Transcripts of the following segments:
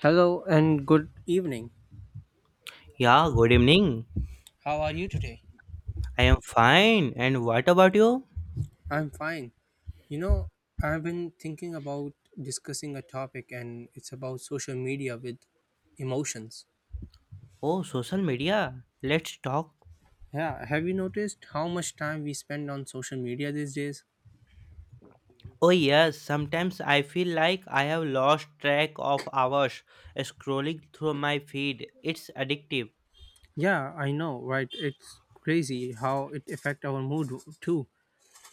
Hello and good evening. Yeah, good evening. How are you today? I am fine. And what about you? I'm fine. You know, I've been thinking about discussing a topic and it's about social media with emotions. Oh, social media. Let's talk. Yeah, have you noticed how much time we spend on social media these days? Oh, yes. Sometimes I feel like I have lost track of hours scrolling through my feed. It's addictive. Yeah, I know, right? It's crazy how it affect our mood too.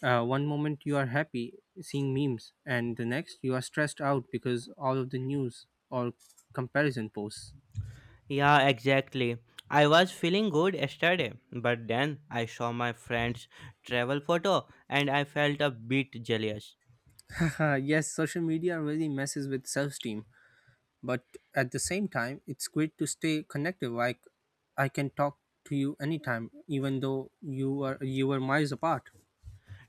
One moment you are happy seeing memes and the next you are stressed out because all of the news or comparison posts. Yeah, exactly. I was feeling good yesterday, but then I saw my friend's travel photo and I felt a bit jealous. Yes, social media really messes with self esteem, but at the same time, it's great to stay connected. Like, I can talk to you anytime, even though you were miles apart.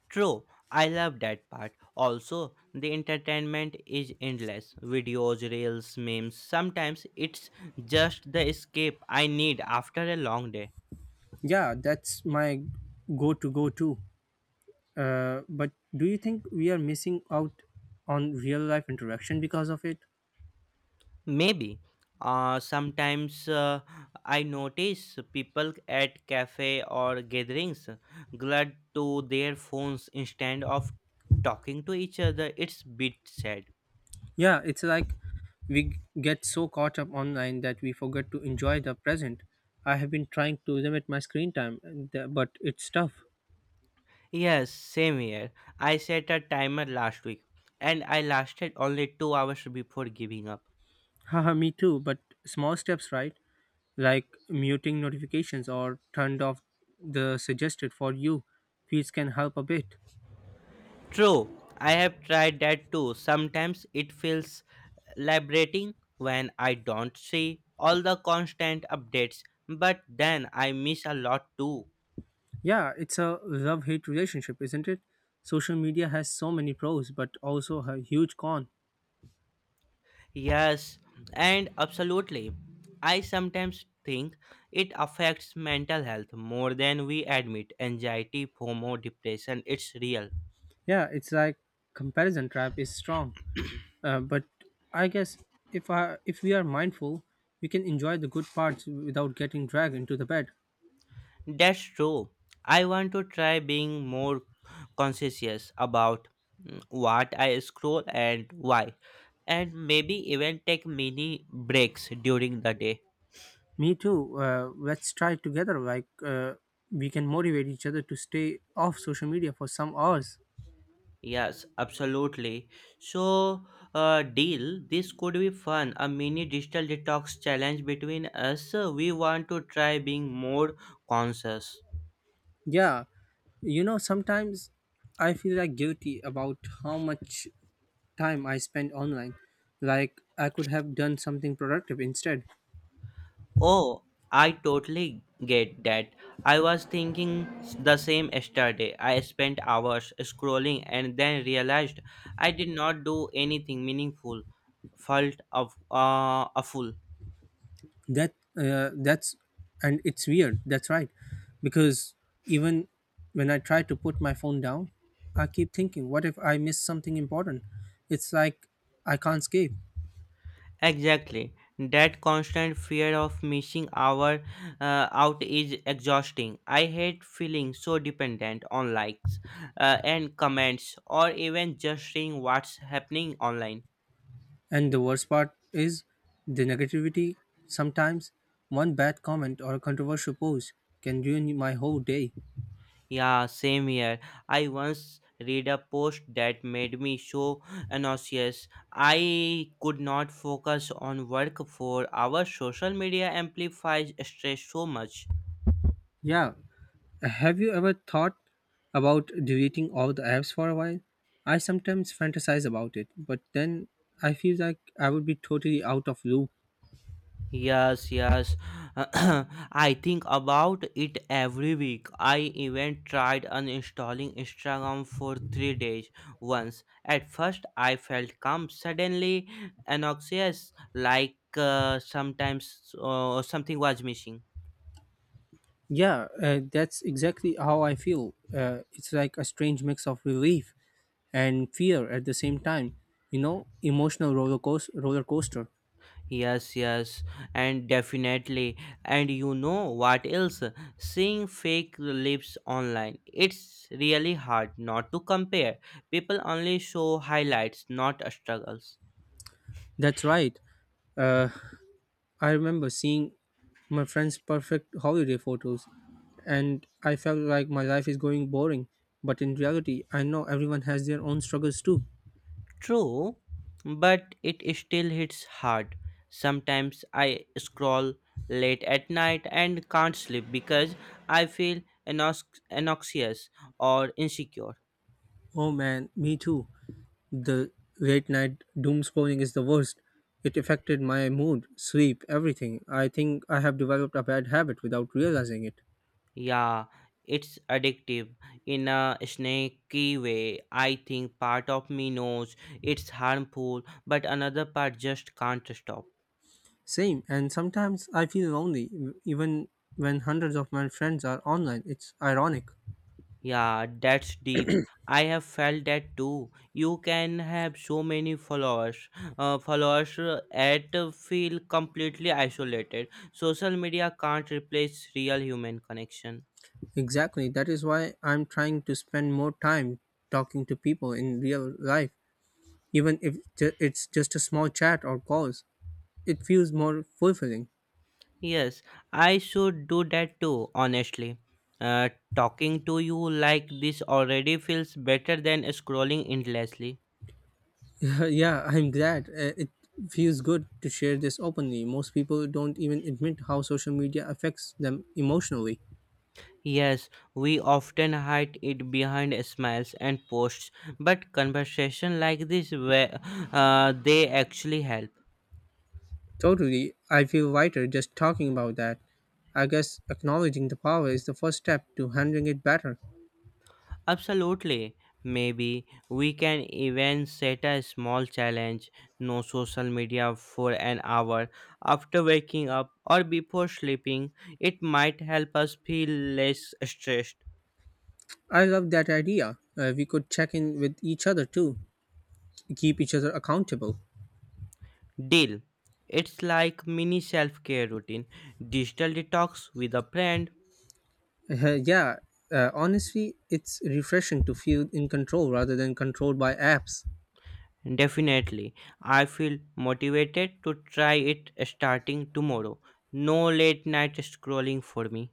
True, I love that part. Also, the entertainment is endless. Videos, reels, memes. Sometimes it's just the escape I need after a long day. Yeah, that's my go to. But do you think we are missing out on real life interaction because of it? Maybe. Sometimes I notice people at cafe or gatherings glued to their phones instead of talking to each other. It's bit sad. Yeah, it's like we g- get so caught up online that we forget to enjoy the present. I have been trying to limit my screen time, and but it's tough. Yes, same here. I set a timer last week and I lasted only 2 hours before giving up. Haha, me too, but small steps, right? Like muting notifications or turned off the suggested for you feeds can help a bit. True, I have tried that too. Sometimes it feels liberating when I don't see all the constant updates, but then I miss a lot too. Yeah, it's a love hate relationship, isn't it? Social media has so many pros, but also a huge con. Yes, and absolutely. I sometimes think it affects mental health more than we admit. Anxiety, FOMO, depression, it's real. Yeah, it's like comparison trap is strong, but I guess if we are mindful, we can enjoy the good parts without getting dragged into the bed. That's true. I want to try being more conscientious about what I scroll and why, and maybe even take mini breaks during the day. Me too. Let's try together. We can motivate each other to stay off social media for some hours. Yes, absolutely. So, deal, this could be fun. A mini digital detox challenge between us. We want to try being more conscious. Yeah, you know sometimes I feel like guilty about how much time I spend online. Like I could have done something productive instead. Oh, I totally get that. I was thinking the same yesterday. I spent hours scrolling and then realized I did not do anything meaningful. Felt of a fool. That that's and it's weird. That's right, because even when I try to put my phone down, I keep thinking, what if I miss something important? It's like I can't escape. Exactly. That constant fear of missing our out is exhausting. I hate feeling so dependent on likes and comments or even just seeing what's happening online. And the worst part is the negativity. Sometimes one bad comment or a controversial post can ruin my whole day. Yeah, same here. I once read a post that made me so nauseous. I could not focus on work for hours. Social media amplifies stress so much. Yeah, have you ever thought about deleting all the apps for a while? I sometimes fantasize about it, but then I feel like I would be totally out of loop. Yes, yes. I think about it every week. I even tried uninstalling Instagram for 3 days once. At first, I felt calm. Suddenly, anxious, like sometimes something was missing. Yeah, that's exactly how I feel. It's like a strange mix of relief and fear at the same time. You know, emotional roller coaster. Yes, yes, and definitely. And you know what else? Seeing fake lips online, it's really hard not to compare. People only show highlights, not struggles. That's right. Uh, I remember seeing my friends' perfect holiday photos, and I felt like my life is going boring. But in reality, I know everyone has their own struggles too. True, but it still hits hard. Sometimes I scroll late at night and can't sleep because I feel anxious or insecure. Oh man, me too. The late night doom scrolling is the worst. It affected my mood, sleep, everything. I think I have developed a bad habit without realizing it. Yeah, it's addictive in a snaky way. I think part of me knows it's harmful, but another part just can't stop. Same, and sometimes I feel lonely, even when hundreds of my friends are online. It's ironic. Yeah, that's deep. I have felt that too. You can have so many followers, at feel completely isolated. Social media can't replace real human connection. Exactly. That is why I'm trying to spend more time talking to people in real life, even if ju- it's just a small chat or calls. It feels more fulfilling. Yes, I should do that too, honestly. Uh, Talking to you like this already feels better than scrolling endlessly. yeah, I'm glad. It feels good to share this openly. Most people don't even admit how social media affects them emotionally. Yes, we often hide it behind smiles and posts, but conversation like this where they actually help. Totally. I feel lighter just talking about that. I guess acknowledging the power is the first step to handling it better. Absolutely. Maybe we can even set a small challenge no social media for an hour after waking up or before sleeping. It might help us feel less stressed. I love that idea. We could check in with each other too, keep each other accountable. Deal. It's like mini self care routine, digital detox with a friend. Uh, yeah, Honestly, it's refreshing to feel in control rather than controlled by apps. Definitely. I feel motivated to try it starting tomorrow. No late night scrolling for me.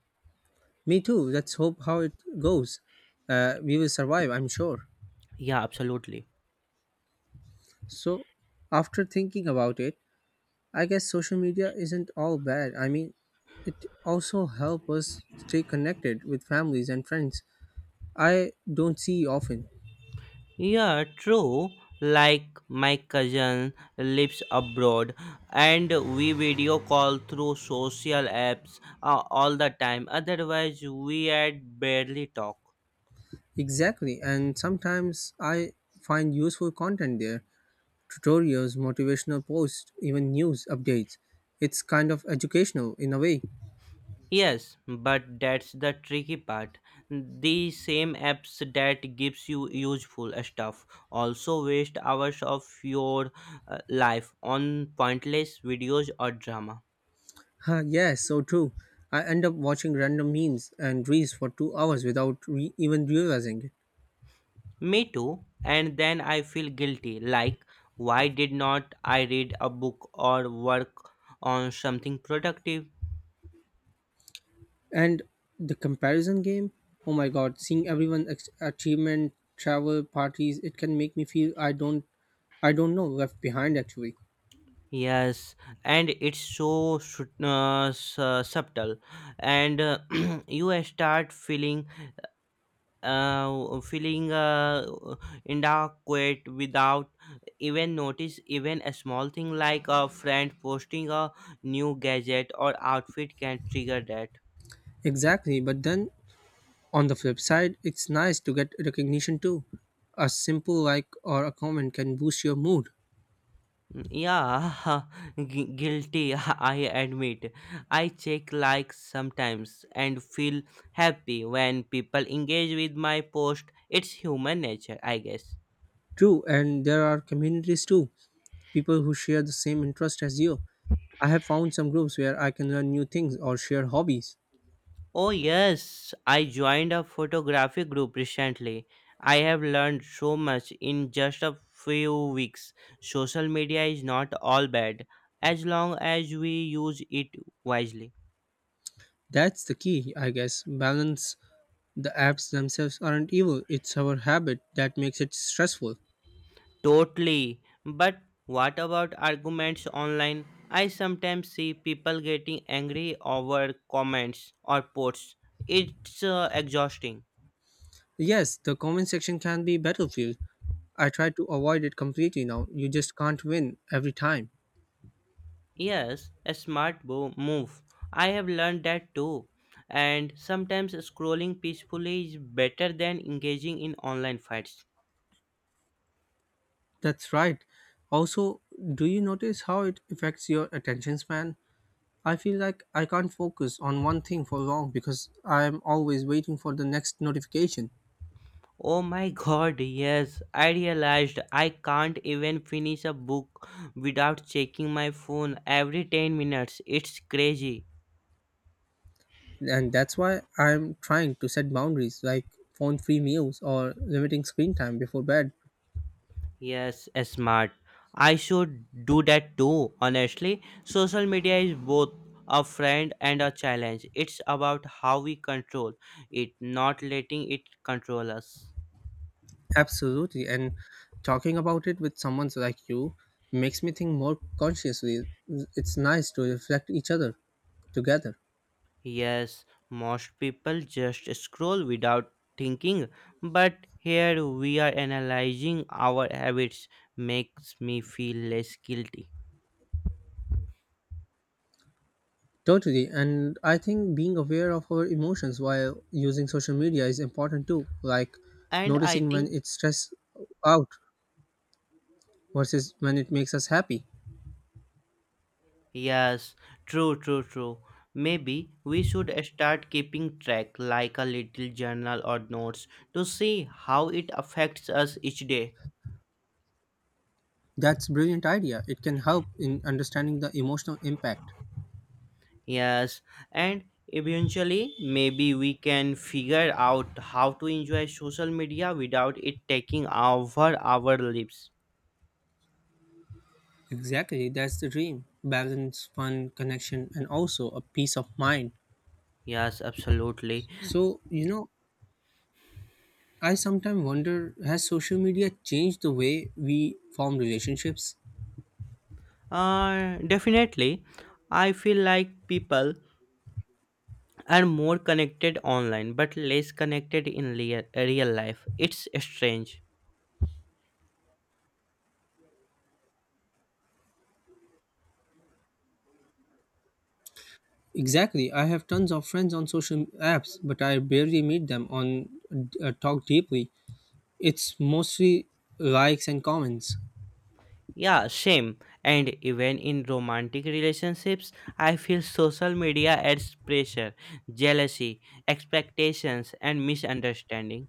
Me too. Let's hope how it goes. We will survive, I'm sure. Yeah, absolutely. So, after thinking about it, I guess social media isn't all bad. I mean, it also helps us stay connected with families and friends I don't see often. Yeah, true. Like my cousin lives abroad and we video call through social apps all the time. Otherwise, we had barely talk. Exactly, and sometimes I find useful content there, tutorials, motivational posts, even news updates. It's kind of educational in a way. Yes, but that's the tricky part. The same apps that gives you useful stuff also waste hours of your life on pointless videos or drama. Huh, yes, so true. I end up watching random memes and reels for 2 hours without even realizing it. Me too. And then I feel guilty. Like, why did not I read a book or work on something productive? And the comparison game? Oh my god, seeing everyone achievement, travel, parties, it can make me feel I don't know left behind actually. Yes, and it's so subtle, and you start feeling inadequate without even notice. Even a small thing like a friend posting a new gadget or outfit can trigger that. Exactly, but then on the flip side, it's nice to get recognition too. A simple like or a comment can boost your mood. Mm, yeah, guilty, I admit. I check likes sometimes and feel happy when people engage with my post. It's human nature, I guess. True, and there are communities too, people who share the same interest as you. I have found some groups where I can learn new things or share hobbies. Oh, yes, I joined a photography group recently. I have learned so much in just a few weeks. Social media is not all bad as long as we use it wisely. That's the key, I guess. Balance. The apps themselves aren't evil, it's our habit that makes it stressful. Totally. But what about arguments online? I sometimes see people getting angry over comments or posts. It's exhausting. Yes, the comment section can be battlefield. I try to avoid it completely now. You just can't win every time. Yes, a smart move. I have learned that too. And sometimes scrolling peacefully is better than engaging in online fights. That's right. Also, do you notice how it affects your attention span? I feel like I can't focus on one thing for long because I'm always waiting for the next notification. Oh my god, yes, I realized I can't even finish a book without checking my phone every 10 minutes. It's crazy. And that's why I'm trying to set boundaries like phone free meals or limiting screen time before bed. Yes, smart. I should do that too, honestly. Social media is both a friend and a challenge. It's about how we control it, not letting it control us. Absolutely. And talking about it with someone like you makes me think more consciously. It's nice to reflect each other together. Yes, most people just scroll without thinking, but here we are analyzing our habits makes me feel less guilty. Totally. And I think being aware of our emotions while using social media is important too, like And I noticing when think. it's stress out versus when it makes us happy. Yes, true, true, true. Maybe we should start keeping track like a little journal or notes to see how it affects us each day. That's a brilliant idea. It can help in understanding the emotional impact. Yes, and eventually maybe we can figure out how to enjoy social media without it taking over our lives. Exactly, that's the dream. Balance, fun, connection and also a peace of mind. Yes, absolutely. So, you know, I sometimes wonder has social media changed the way we form relationships? Definitely. I feel like people are more connected online but less connected in real life. It's strange. Exactly. I have tons of friends on social apps, but I barely meet them on talk deeply. It's mostly likes and comments. Yeah, same. And even in romantic relationships, I feel social media adds pressure, jealousy, expectations, and misunderstanding.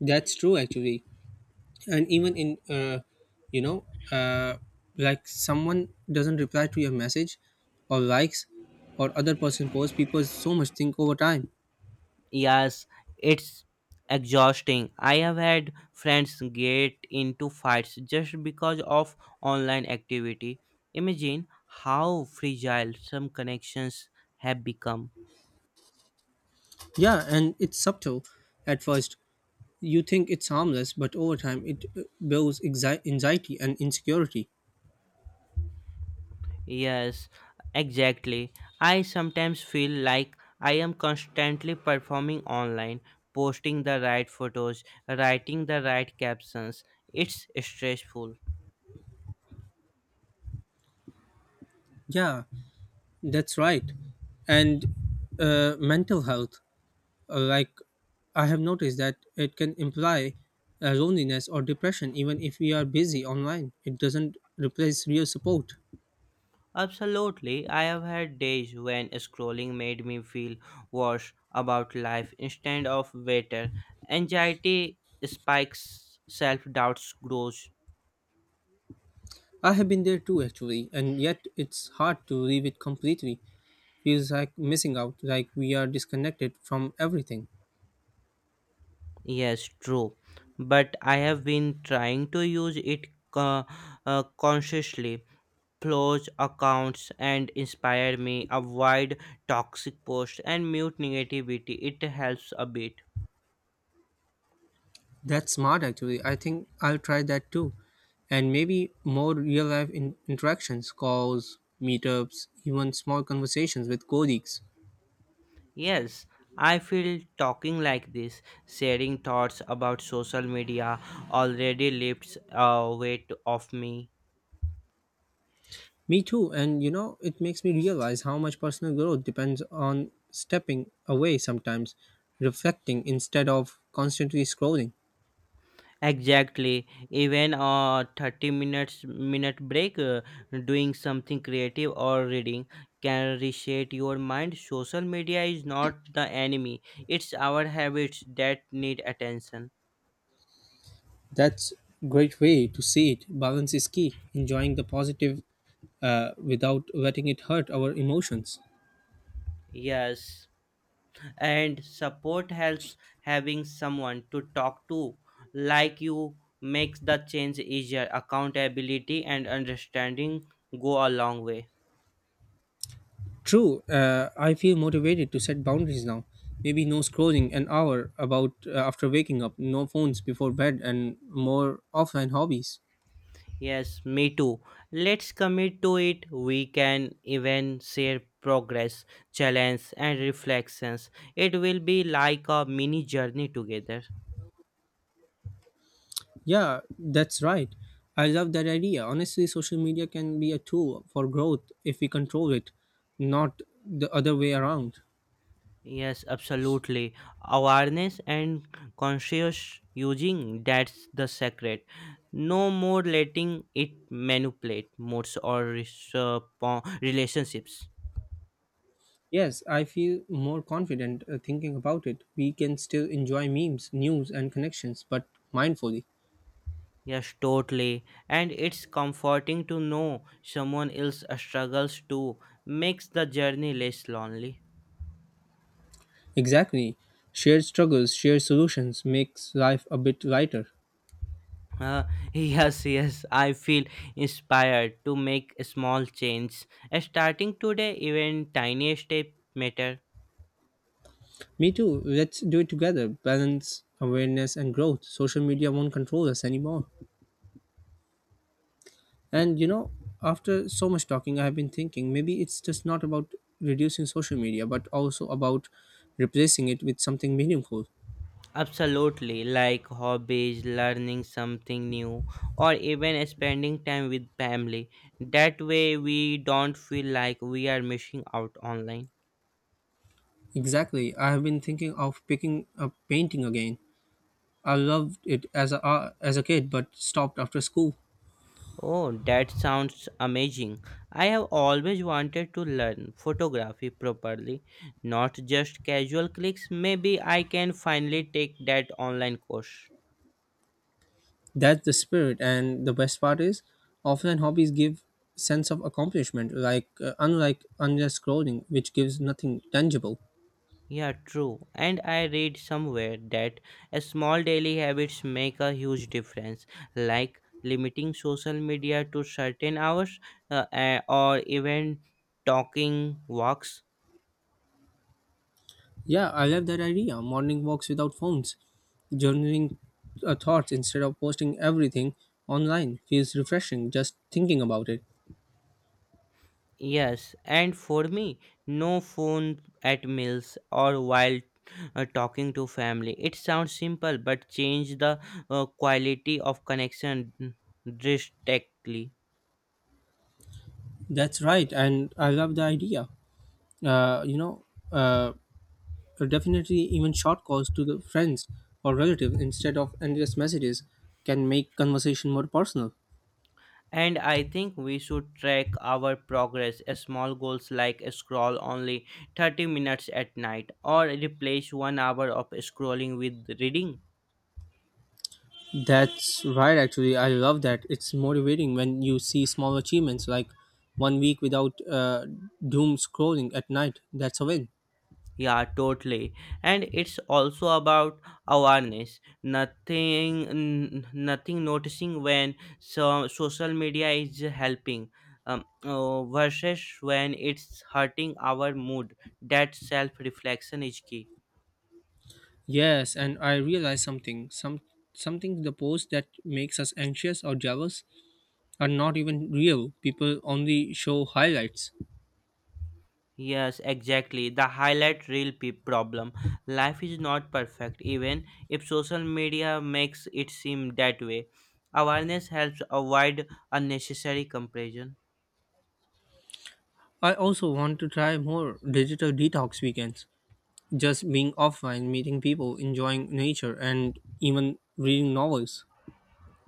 That's true actually, and even in you know uh, like someone doesn't reply to your message or likes or other person posts, people so much think over time. Yes, it's exhausting. I have had friends get into fights just because of online activity. Imagine how fragile some connections have become. Yeah, and it's subtle at first, you think it's harmless but over time it builds anxiety and insecurity. Yes, exactly. I sometimes feel like I am constantly performing online, posting the right photos, writing the right captions. It's stressful. Yeah, that's right. and Mental health. Like I have noticed that it can imply loneliness or depression even if we are busy online. It doesn't replace real support. Absolutely, I have had days when scrolling made me feel worse about life instead of better. Anxiety spikes, self doubt grows. I have been there too actually, and yet it's hard to leave it completely. Feels like missing out, like we are disconnected from everything. Yes, true. But I have been trying to use it consciously. Flows accounts and inspire me. Avoid toxic posts and mute negativity. It helps a bit. That's smart actually. I think I'll try that too. And maybe more real life interactions, calls, meetups, even small conversations with colleagues. Yes, I feel talking like this, sharing thoughts about social media already lifts a weight off me. Me too, and you know, it makes me realize how much personal growth depends on stepping away sometimes, reflecting instead of constantly scrolling. Exactly. Even a 30 minute break doing something creative or reading can reset your mind. Social media is not the enemy. It's our habits that need attention. That's a great way to see it. Balance is key, enjoying the positive without letting it hurt our emotions. Yes, and support helps having someone to talk to, like you, makes the change easier. Accountability and understanding go a long way. True, I feel motivated to set boundaries now. Maybe no scrolling an hour about after waking up, no phones before bed, and more offline hobbies. Yes, me too. Let's commit to it. We can even share progress, challenge, and reflections. It will be like a mini journey together. Yeah, that's right. I love that idea. Honestly, social media can be a tool for growth if we control it, not the other way around. Yes, absolutely. Awareness and conscious using that's the secret. No more letting it manipulate moods or relationships. Yes, I feel more confident thinking about it. We can still enjoy memes, news, and connections, but mindfully. Yes, totally. And it's comforting to know someone else struggles too. Makes the journey less lonely. Exactly. Shared struggles, shared solutions makes life a bit lighter. Uh, yes, yes, I feel inspired to make small change. Starting today, even tiny step matter. Me too. Let's do it together. Balance, awareness, and growth. Social media won't control us anymore. And you know, after so much talking, I have been thinking maybe it's just not about reducing social media, but also about replacing it with something meaningful. Absolutely, like hobbies, learning something new, or even spending time with family. That way, we don't feel like we are missing out online. Exactly. I have been thinking of picking up painting again. I loved it as a kid, but stopped after school. Oh, that sounds amazing. I have always wanted to learn photography properly, not just casual clicks. Maybe I can finally take that online course. That's the spirit, and the best part is, often hobbies give sense of accomplishment, unlike endless scrolling, which gives nothing tangible. Yeah, true. And I read somewhere that a small daily habits make a huge difference, like limiting social media to certain hours or even talking walks. Yeah, I love that idea. Morning walks without phones, journaling thoughts instead of posting everything online feels refreshing just thinking about it. Yes, and for me, no phone at meals or while talking to family. It sounds simple, but change the quality of connection drastically. That's right, and I love the idea. Uh, you know, uh, Definitely even short calls to the friends or relatives instead of endless messages can make conversation more personal. And I think we should track our progress. Small goals like scroll only 30 minutes at night or replace 1 hour of scrolling with reading. That's right, actually. I love that. It's motivating when you see small achievements like one week without doom scrolling at night. That's a win. Yeah, totally. And it's also about awareness. Nothing noticing when so social media is helping versus when it's hurting our mood. That self reflection is key. Yes, and I realized something. Something the posts that makes us anxious or jealous are not even real. People only show highlights. Yes, exactly. The highlight reel problem. Life is not perfect, even if social media makes it seem that way. Awareness helps avoid unnecessary comparison. I also want to try more digital detox weekends. Just being offline, meeting people, enjoying nature, and even reading novels.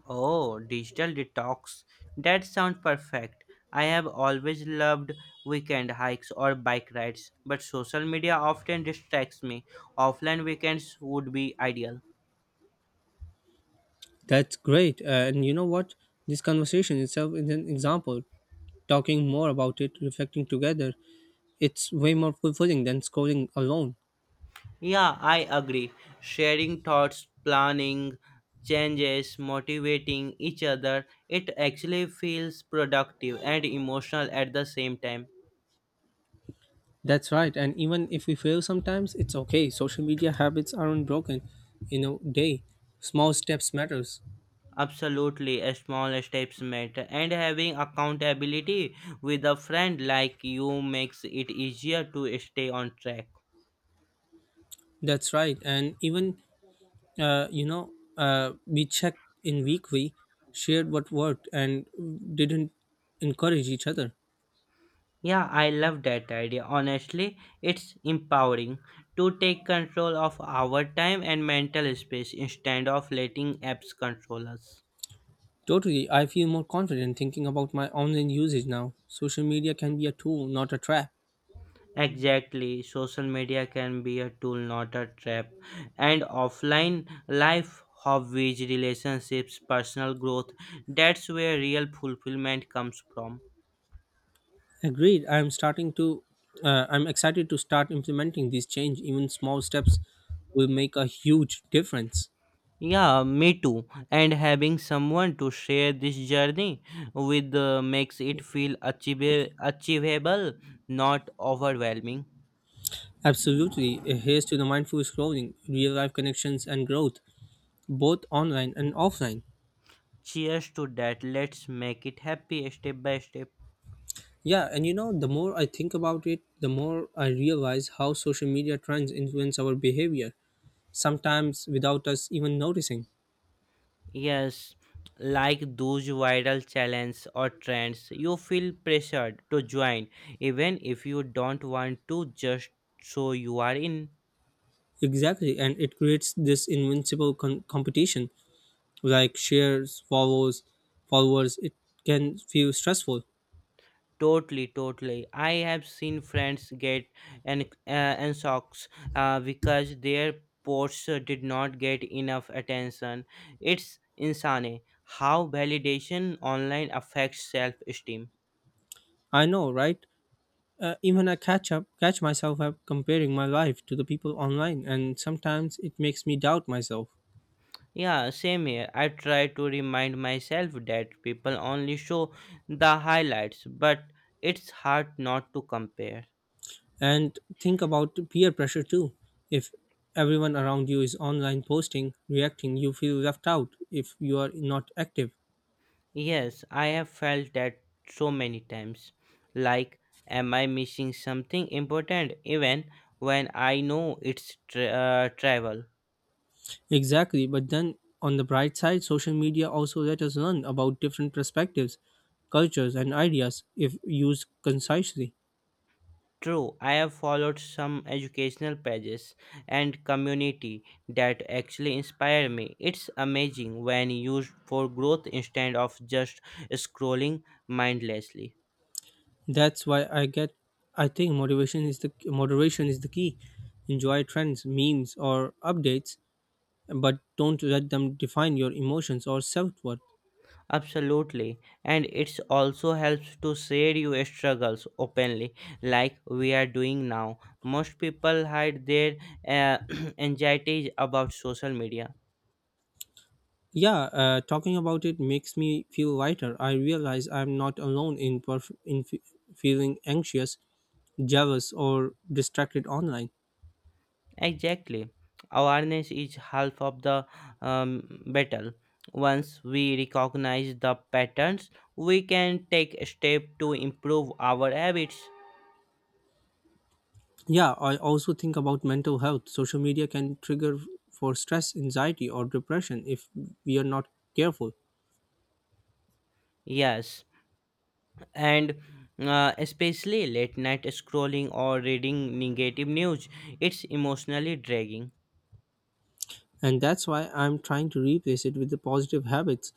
Oh, digital detox. That sounds perfect. I have always loved weekend hikes or bike rides, but social media often distracts me. Offline weekends would be ideal. That's great. And you know what? This conversation itself is an example. Talking more about it, reflecting together, it's way more fulfilling than scrolling alone. Yeah, I agree. Sharing thoughts, planning, changes, motivating each other, it actually feels productive and emotional at the same time. That's right. And even if we fail sometimes, it's okay. Social media habits aren't broken in a day. Small steps matters. Absolutely, a small steps matter, and having accountability with a friend like you makes it easier to stay on track. That's right. And even, uh, you know, we checked in weekly, shared what worked and didn't, encourage each other. Yeah, I love that idea. Honestly, it's empowering to take control of our time and mental space instead of letting apps control us. Totally. I feel more confident thinking about my online usage now. Social media can be a tool, not a trap. Exactly, social media can be a tool, not a trap. And offline life, hobbies, relationships, personal growth that's where real fulfillment comes from. Agreed. I'm excited to start implementing these change. Even small steps will make a huge difference. Yeah, me too. And having someone to share this journey with makes it feel achievable, not overwhelming. Absolutely, a here's to the mindful scrolling, real life connections, and growth, both online and offline. Cheers to that. Let's make it happy step by step. Yeah, and you know, the more I think about it, the more I realize how social media trends influence our behavior, sometimes without us even noticing. Yes, like those viral challenges or trends, you feel pressured to join even if you don't want to just so you are in. Exactly, and it creates this invincible competition, like shares, follows, followers. It can feel stressful. Totally, totally. I have seen friends get and uh, and socks because their posts did not get enough attention. It's insane how validation online affects self-esteem. I know, right? Even catch myself up comparing my life to the people online, and sometimes it makes me doubt myself Yeah, same here. I try to remind myself that people only show the highlights, but it's hard not to compare. and think about peer pressure too. If everyone around you is online posting, reacting, you feel left out if you are not active. Yes, I have felt that so many times. Like, am I missing something important even when I know it's travel? Exactly, but then on the bright side, social media also let us learn about different perspectives, cultures, and ideas if used concisely. True, I have followed some educational pages and community that actually inspire me. It's amazing when used for growth instead of just scrolling mindlessly. That's why I get I think motivation is the moderation is the key. Enjoy trends, memes or updates, but don't let them define your emotions or self-worth. Absolutely, and it also helps to share your struggles openly, like we are doing now. Most people hide their uh, anxieties about social media. Yeah, talking about it makes me feel lighter. I realize I'm not alone in perf- in fe feeling anxious, jealous or distracted online. Exactly. Awareness is half of the battle. Once we recognize the patterns, we can take a step to improve our habits. Yeah, I also think about mental health. Social media can trigger for stress, anxiety, or depression if we are not careful. Yes, and especially late night scrolling or reading negative news, it's emotionally dragging. And that's why I'm trying to replace it with the positive habits,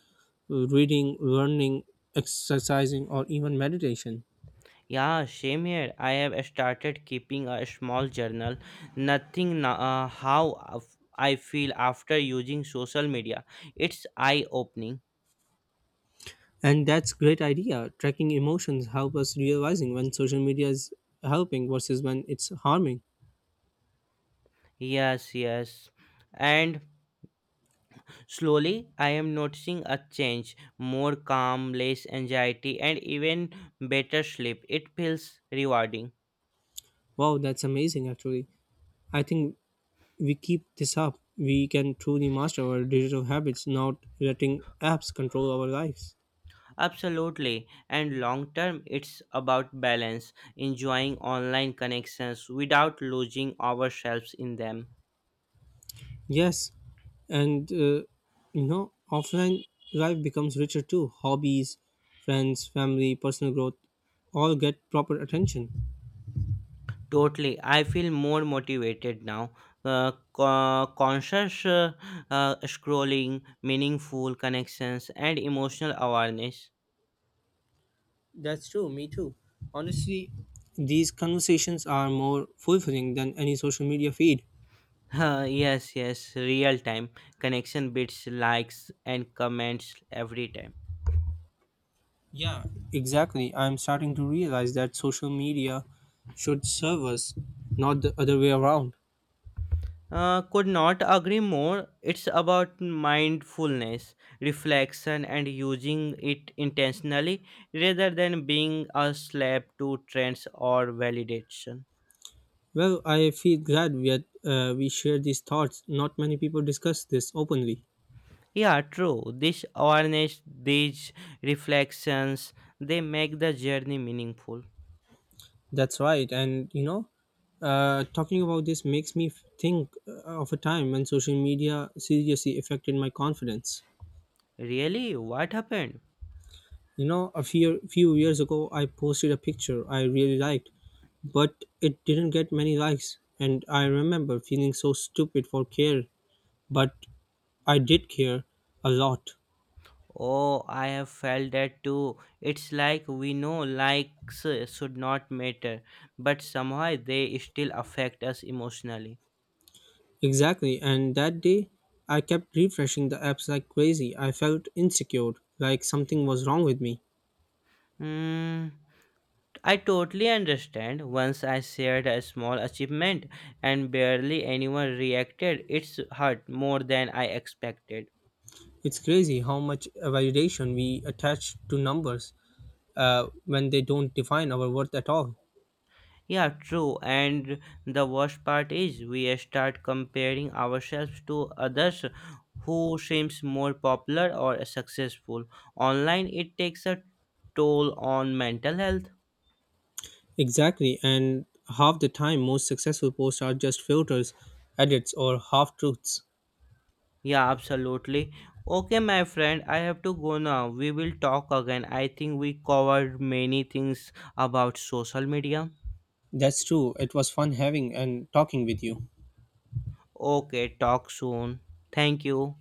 reading, learning, exercising or even meditation. Yeah, same here. I have started keeping a small journal, nothing how I feel after using social media. It's eye opening. And that's great idea, tracking emotions help us realizing when social media is helping versus when it's harming. Yes, yes. And slowly I am noticing a change more calm, less anxiety, and even better sleep. It feels rewarding. Wow, that's amazing actually. I think we keep this up, we can truly master our digital habits, not letting apps control our lives. Absolutely. And long term, it's about balance, enjoying online connections without losing ourselves in them. Yes, and you know, offline life becomes richer too. Hobbies, friends, family, personal growth all get proper attention. Totally. I feel more motivated now. Conscious scrolling, meaningful connections, and emotional awareness. That's true, me too. Honestly, these conversations are more fulfilling than any social media feed. Huh, yes, yes, real time connection bits, likes, and comments every time. Yeah, exactly. I'm starting to realize that social media should serve us, not the other way around. Could not agree more. It's about mindfulness, reflection, and using it intentionally rather than being a slave to trends or validation. Well, I feel glad we shared these thoughts. Not many people discuss this openly. Yeah, true. This awareness, these reflections, they make the journey meaningful. That's right. And you know, talking about this makes me think of a time when social media seriously affected my confidence. Really? What happened? You know, a few years ago, I posted a picture I really liked, but it didn't get many likes, and I remember feeling so stupid for care. But I did care a lot. Oh, I have felt that too. It's like we know likes should not matter, but somehow they still affect us emotionally. Exactly. And that day, I kept refreshing the apps like crazy. I felt insecure, like something was wrong with me. Hmm. I totally understand. Once I shared a small achievement and barely anyone reacted, it's hurt more than I expected. It's crazy how much validation we attach to numbers when they don't define our worth at all. Yeah, true. And the worst part is we start comparing ourselves to others who seems more popular or successful. Online it takes a toll on mental health. Exactly, and half the time, most successful posts are just filters, edits, or half truths. Yeah, absolutely. Okay, my friend, I have to go now. We will talk again. I think we covered many things about social media. That's true. It was fun having and talking with you. Okay, talk soon. Thank you.